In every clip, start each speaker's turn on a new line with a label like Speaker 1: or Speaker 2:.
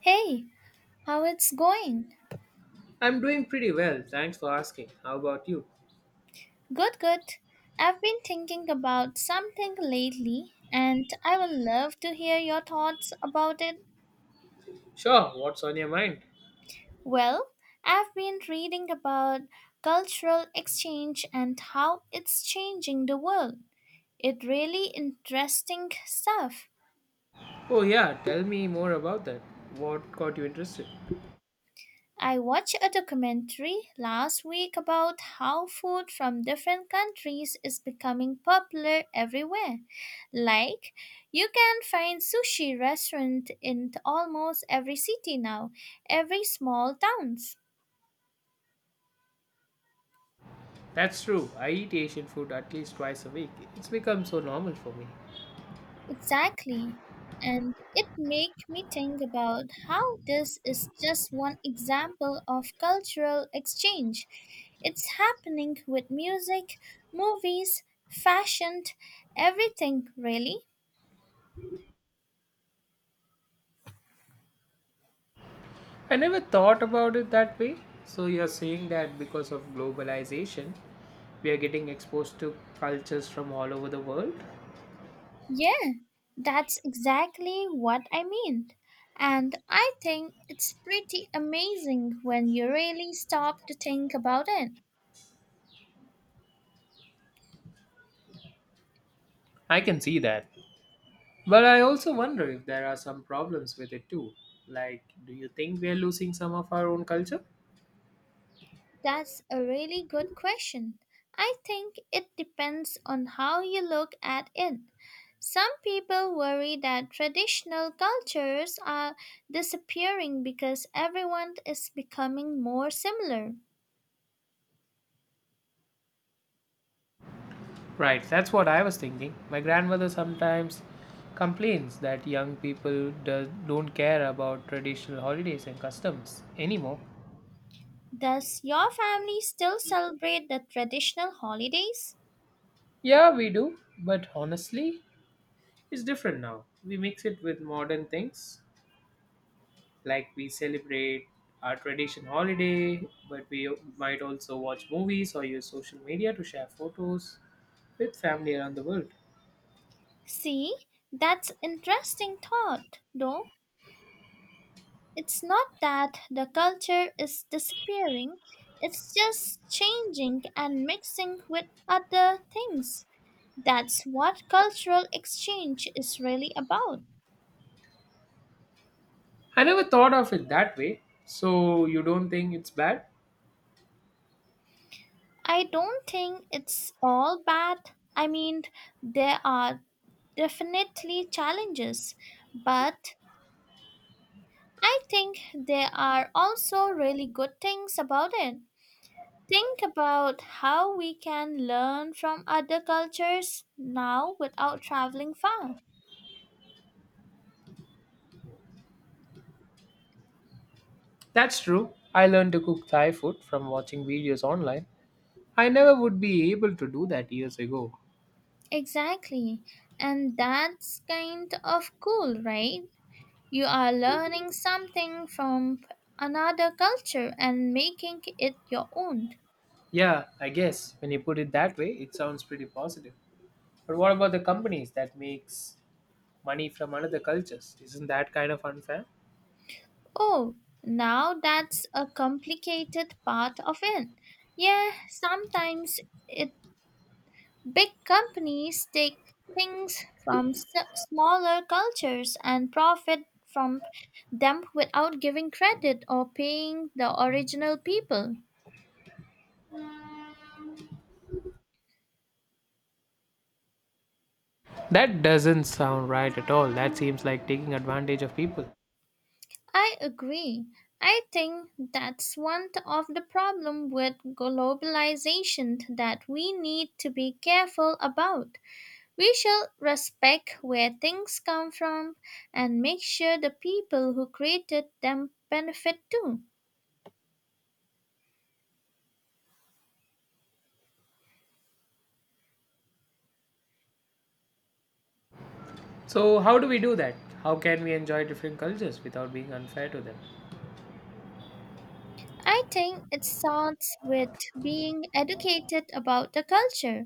Speaker 1: Hey, how it's going?
Speaker 2: I'm doing pretty well, thanks for asking. How about you?
Speaker 1: Good, good. I've been thinking about something lately and I would love to hear your thoughts about it.
Speaker 2: Sure, what's on your mind?
Speaker 1: Well, I've been reading about cultural exchange and how it's changing the world. It really interesting stuff.
Speaker 2: Oh, yeah, tell me more about that. What got you interested?
Speaker 1: I watched a documentary last week about how food from different countries is becoming popular everywhere. Like, you can find sushi restaurant in almost every city now, every small towns.
Speaker 2: That's true, I eat Asian food at least twice a week. It's become so normal for me.
Speaker 1: Exactly. And it make me think about how this is just one example of cultural exchange. It's happening with music, movies, fashion, everything really.
Speaker 2: I never thought about it that way. So, you're saying that because of globalization, we are getting exposed to cultures from all over the world?
Speaker 1: Yeah, that's exactly what I mean. And I think it's pretty amazing when you really stop to think about it.
Speaker 2: I can see that. But I also wonder if there are some problems with it too. Like, do you think we are losing some of our own culture?
Speaker 1: That's a really good question. I think it depends on how you look at it. Some people worry that traditional cultures are disappearing because everyone is becoming more similar.
Speaker 2: Right, that's what I was thinking. My grandmother sometimes complains that young people don't care about traditional holidays and customs anymore.
Speaker 1: Does your family still celebrate the traditional holidays?
Speaker 2: Yeah, we do, but honestly, it's different now. We mix it with modern things, like we celebrate our tradition holiday, but we might also watch movies or use social media to share photos with family around the world.
Speaker 1: See, that's interesting thought, though. It's not that the culture is disappearing, it's just changing and mixing with other things. That's what cultural exchange is really about.
Speaker 2: I never thought of it that way. So, you don't think it's bad?
Speaker 1: I don't think it's all bad. I mean, there are definitely challenges, but I think there are also really good things about it. Think about how we can learn from other cultures now without traveling far.
Speaker 2: That's true. I learned to cook Thai food from watching videos online. I never would be able to do that years ago.
Speaker 1: Exactly. And that's kind of cool, right? You are learning something from another culture and making it your own.
Speaker 2: Yeah, I guess when you put it that way, it sounds pretty positive. But what about the companies that makes money from another cultures? Isn't that kind of unfair?
Speaker 1: Oh, now that's a complicated part of it. Yeah, sometimes it big companies take things from smaller cultures and profit from them without giving credit or paying the original people.
Speaker 2: That doesn't sound right at all. That seems like taking advantage of people.
Speaker 1: I agree. I think that's one of the problem with globalization that we need to be careful about. We shall respect where things come from and make sure the people who created them benefit too.
Speaker 2: So how do we do that? How can we enjoy different cultures without being unfair to them?
Speaker 1: I think it starts with being educated about the culture.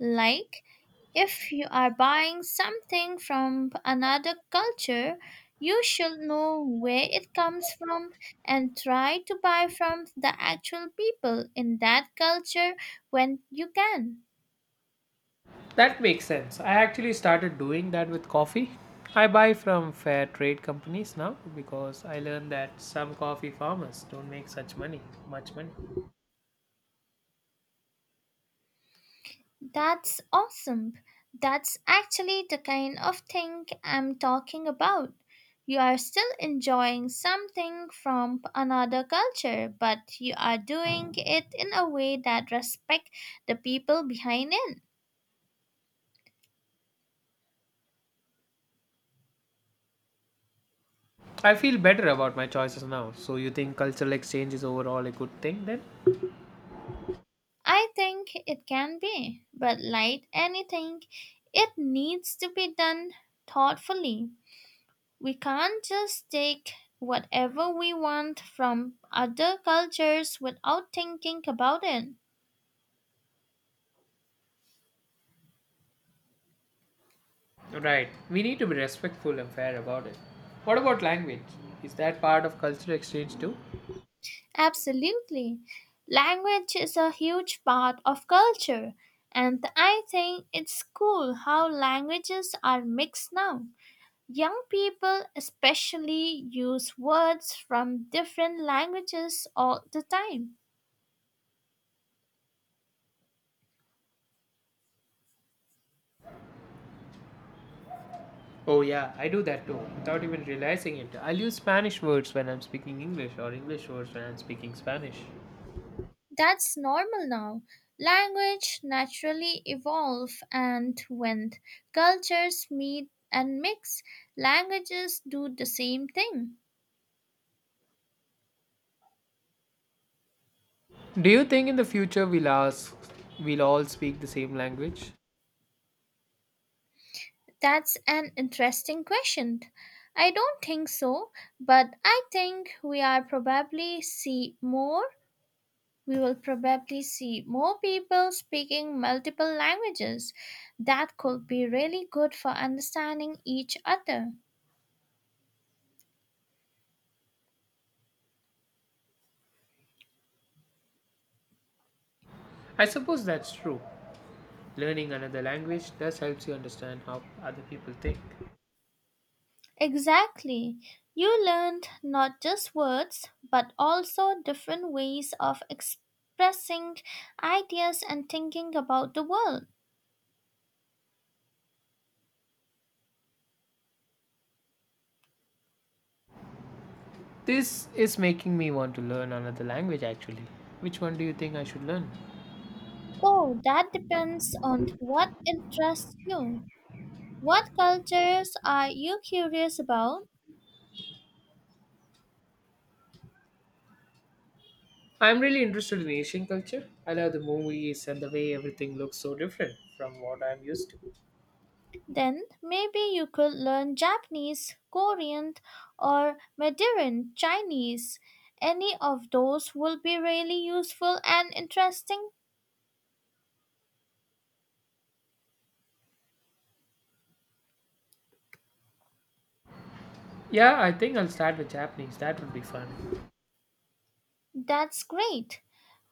Speaker 1: Like, if you are buying something from another culture, you should know where it comes from and try to buy from the actual people in that culture when you can.
Speaker 2: That makes sense. I actually started doing that with coffee. I buy from fair trade companies now because I learned that some coffee farmers don't make much money.
Speaker 1: That's awesome. That's actually the kind of thing I'm talking about. You are still enjoying something from another culture, but you are doing it in a way that respects the people behind it.
Speaker 2: I feel better about my choices now. So you think cultural exchange is overall a good thing then?
Speaker 1: I think it can be, but like anything, it needs to be done thoughtfully. We can't just take whatever we want from other cultures without thinking about it.
Speaker 2: Right. We need to be respectful and fair about it. What about language? Is that part of cultural exchange too?
Speaker 1: Absolutely. Language is a huge part of culture, and I think it's cool how languages are mixed now. Young people, especially, use words from different languages all the time.
Speaker 2: Oh yeah, I do that too, without even realizing it. I'll use Spanish words when I'm speaking English or English words when I'm speaking Spanish.
Speaker 1: That's normal now. Language naturally evolve and when cultures meet and mix, languages do the same thing.
Speaker 2: Do you think in the future we'll all speak the same language?
Speaker 1: That's an interesting question. I don't think so, but I think we are probably see more. We will probably see more people speaking multiple languages. That could be really good for understanding each other.
Speaker 2: I suppose that's true. Learning another language does helps you understand how other people think.
Speaker 1: Exactly. You learned not just words, but also different ways of expressing ideas and thinking about the world.
Speaker 2: This is making me want to learn another language actually. Which one do you think I should learn?
Speaker 1: Oh, that depends on what interests you. What cultures are you curious about?
Speaker 2: I'm really interested in Asian culture. I love the movies and the way everything looks so different from what I'm used to.
Speaker 1: Then maybe you could learn Japanese, Korean, or Mandarin Chinese. Any of those will be really useful and interesting.
Speaker 2: Yeah, I think I'll start with Japanese. That would be fun.
Speaker 1: That's great.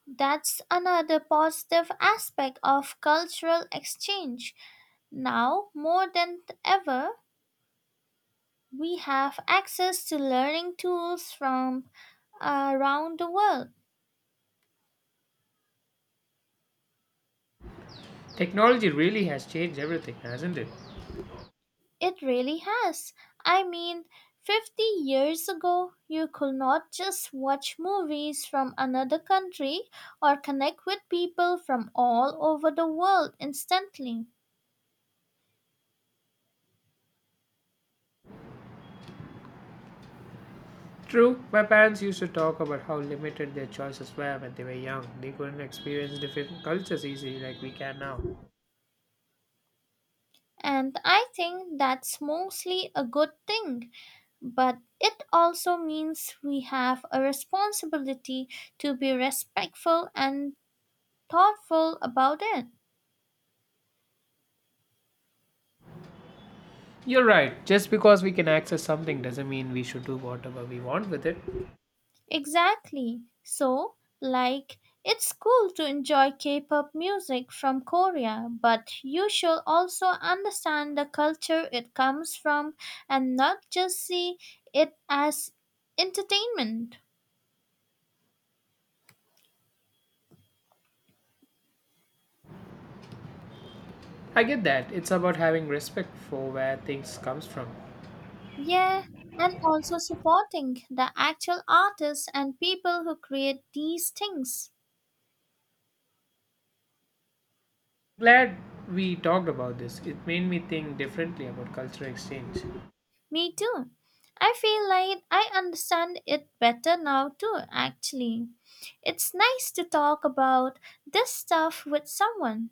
Speaker 1: That's another positive aspect of cultural exchange. Now, more than ever, we have access to learning tools from around the world.
Speaker 2: Technology really has changed everything, hasn't it?
Speaker 1: It really has. I mean, 50 years ago, you could not just watch movies from another country or connect with people from all over the world instantly.
Speaker 2: True, my parents used to talk about how limited their choices were when they were young. They couldn't experience different cultures easily like we can now.
Speaker 1: And I think that's mostly a good thing, but it also means we have a responsibility to be respectful and thoughtful about it.
Speaker 2: You're right, just because we can access something doesn't mean we should do whatever we want with it.
Speaker 1: Exactly. So, like, it's cool to enjoy K pop music from Korea, but you should also understand the culture it comes from and not just see it as entertainment.
Speaker 2: I get that, it's about having respect for where things comes from.
Speaker 1: Yeah, and also supporting the actual artists and people who create these things.
Speaker 2: Glad we talked about this. It made me think differently about cultural exchange.
Speaker 1: Me too. I feel like I understand it better now too, actually. It's nice to talk about this stuff with someone.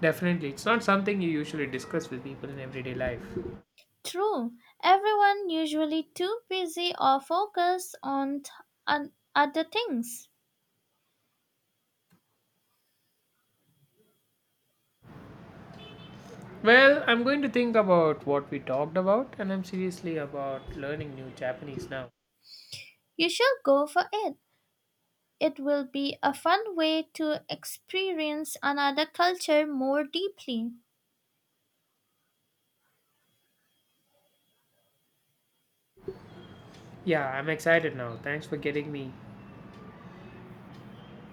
Speaker 2: Definitely, it's not something you usually discuss with people in everyday life.
Speaker 1: True. Everyone usually too busy or focused on other things.
Speaker 2: Well, I'm going to think about what we talked about, and I'm seriously about learning new Japanese now.
Speaker 1: You should go for it. It will be a fun way to experience another culture more deeply.
Speaker 2: Yeah, I'm excited now. Thanks for getting me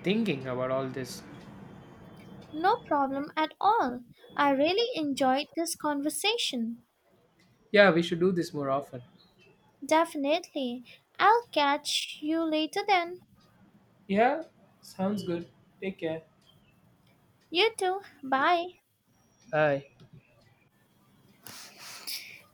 Speaker 2: thinking about all this.
Speaker 1: No problem at all. I really enjoyed this conversation.
Speaker 2: Yeah, we should do this more often.
Speaker 1: Definitely. I'll catch you later then.
Speaker 2: Yeah, sounds good. Take care.
Speaker 1: You too. Bye.
Speaker 2: Hi.